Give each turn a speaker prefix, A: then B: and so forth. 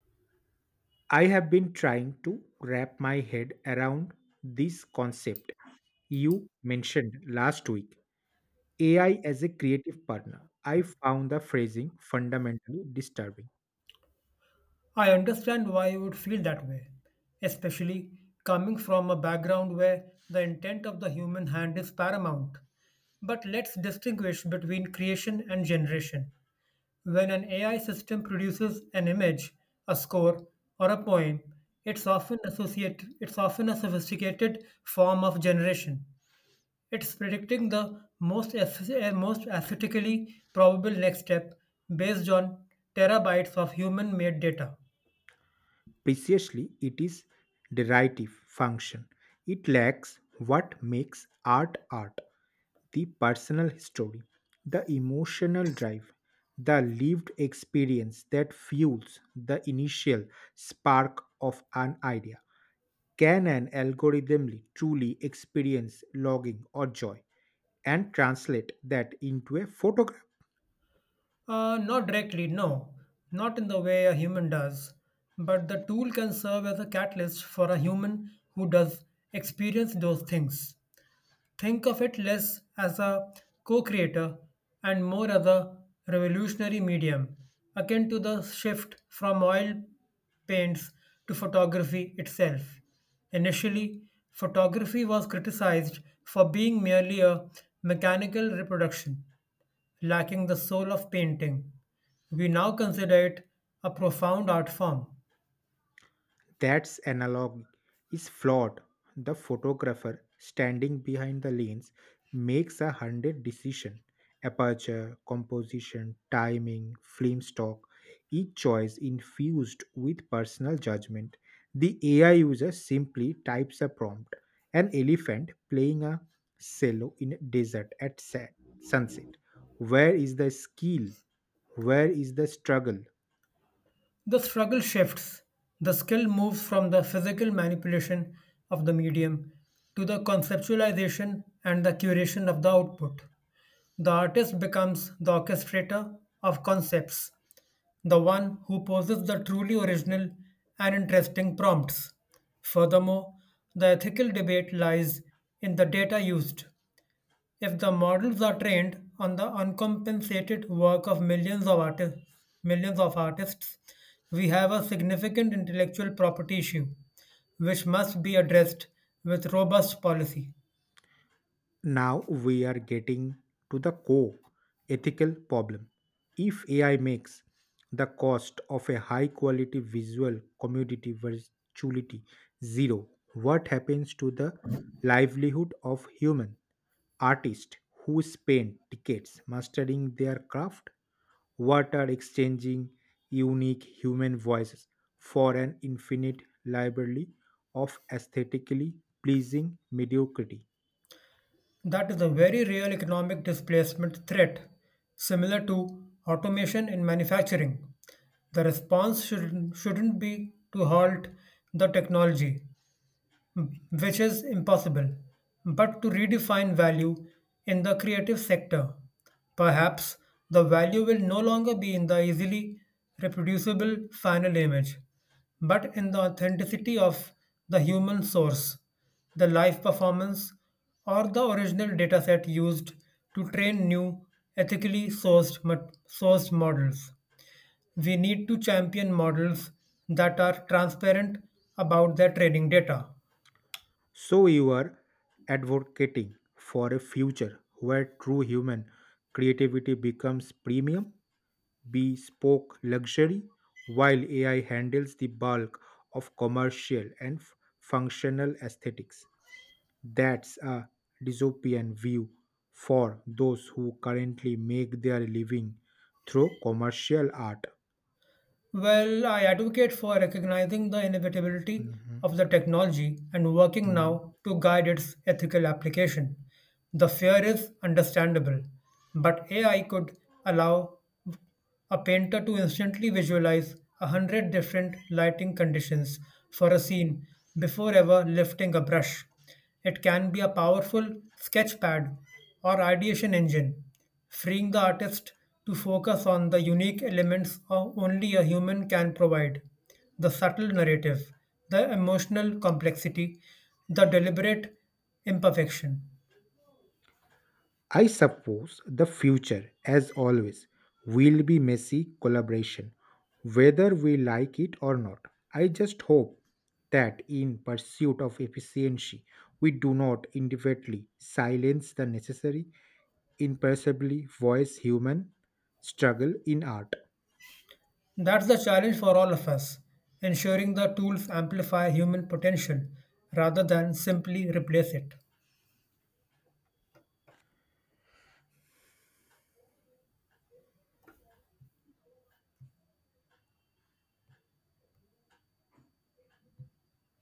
A: I have been trying to wrap my head around this concept you mentioned last week, AI as a creative partner. I found the phrasing fundamentally disturbing.
B: I understand why you would feel that way, especially coming from a background where the intent of the human hand is paramount. But let's distinguish between creation and generation. When an AI system produces an image, a score, or a poem, it's often a sophisticated form of generation. It's predicting the most aesthetically probable next step based on terabytes of human-made data.
A: Precisely, it is derivative function. It lacks what makes art art: the personal story, the emotional drive, the lived experience that fuels the initial spark of an idea. Can an algorithmly truly experience longing or joy and translate that into a photograph?
B: Not directly, no. Not in the way a human does. But the tool can serve as a catalyst for a human who does experience those things. Think of it less as a co creator and more as a revolutionary medium, akin to the shift from oil paints to photography itself. Initially, photography was criticized for being merely a mechanical reproduction, lacking the soul of painting. We now consider it a profound art form.
A: That's analog is flawed. The photographer standing behind the lens makes a hundred decision. Aperture, composition, timing, film stock, each choice infused with personal judgment. The AI user simply types a prompt. An elephant playing a cello in a desert at sunset. Where is the skill? Where is the struggle?
B: The struggle shifts. The skill moves from the physical manipulation of the medium to the conceptualization and the curation of the output. The artist becomes the orchestrator of concepts, the one who poses the truly original and interesting prompts. Furthermore, the ethical debate lies in the data used. If the models are trained on the uncompensated work of millions of artists, we have a significant intellectual property issue, which must be addressed with robust policy.
A: Now we are getting to the core ethical problem. If AI makes the cost of a high quality visual commodity virtuality zero, what happens to the livelihood of human artists who spend decades mastering their craft? What are exchanging unique human voices for an infinite library of aesthetically pleasing mediocrity?
B: That is a very real economic displacement threat, similar to automation in manufacturing. The response shouldn't be to halt the technology, which is impossible, but to redefine value in the creative sector. Perhaps the value will no longer be in the easily reproducible final image, but in the authenticity of the human source, the live performance, or the original dataset used to train new sourced models. We need to champion models that are transparent about their training data.
A: So you are advocating for a future where true human creativity becomes premium, bespoke luxury, while AI handles the bulk of commercial and functional aesthetics. That's a dystopian view for those who currently make their living through commercial art.
B: Well, I advocate for recognizing the inevitability
A: Mhm.
B: of the technology and working now to guide its ethical application. The fear is understandable, but AI could allow a painter to instantly visualize 100 different lighting conditions for a scene before ever lifting a brush. It can be a powerful sketchpad or ideation engine, freeing the artist to focus on the unique elements only a human can provide the subtle narrative, the emotional complexity, the deliberate imperfection.
A: I suppose the future, as always, will be messy collaboration, whether we like it or not. I just hope that in pursuit of efficiency, we do not indefinitely silence the necessary, imperceptibly voice human struggle in art.
B: That's the challenge for all of us, ensuring the tools amplify human potential rather than simply replace it.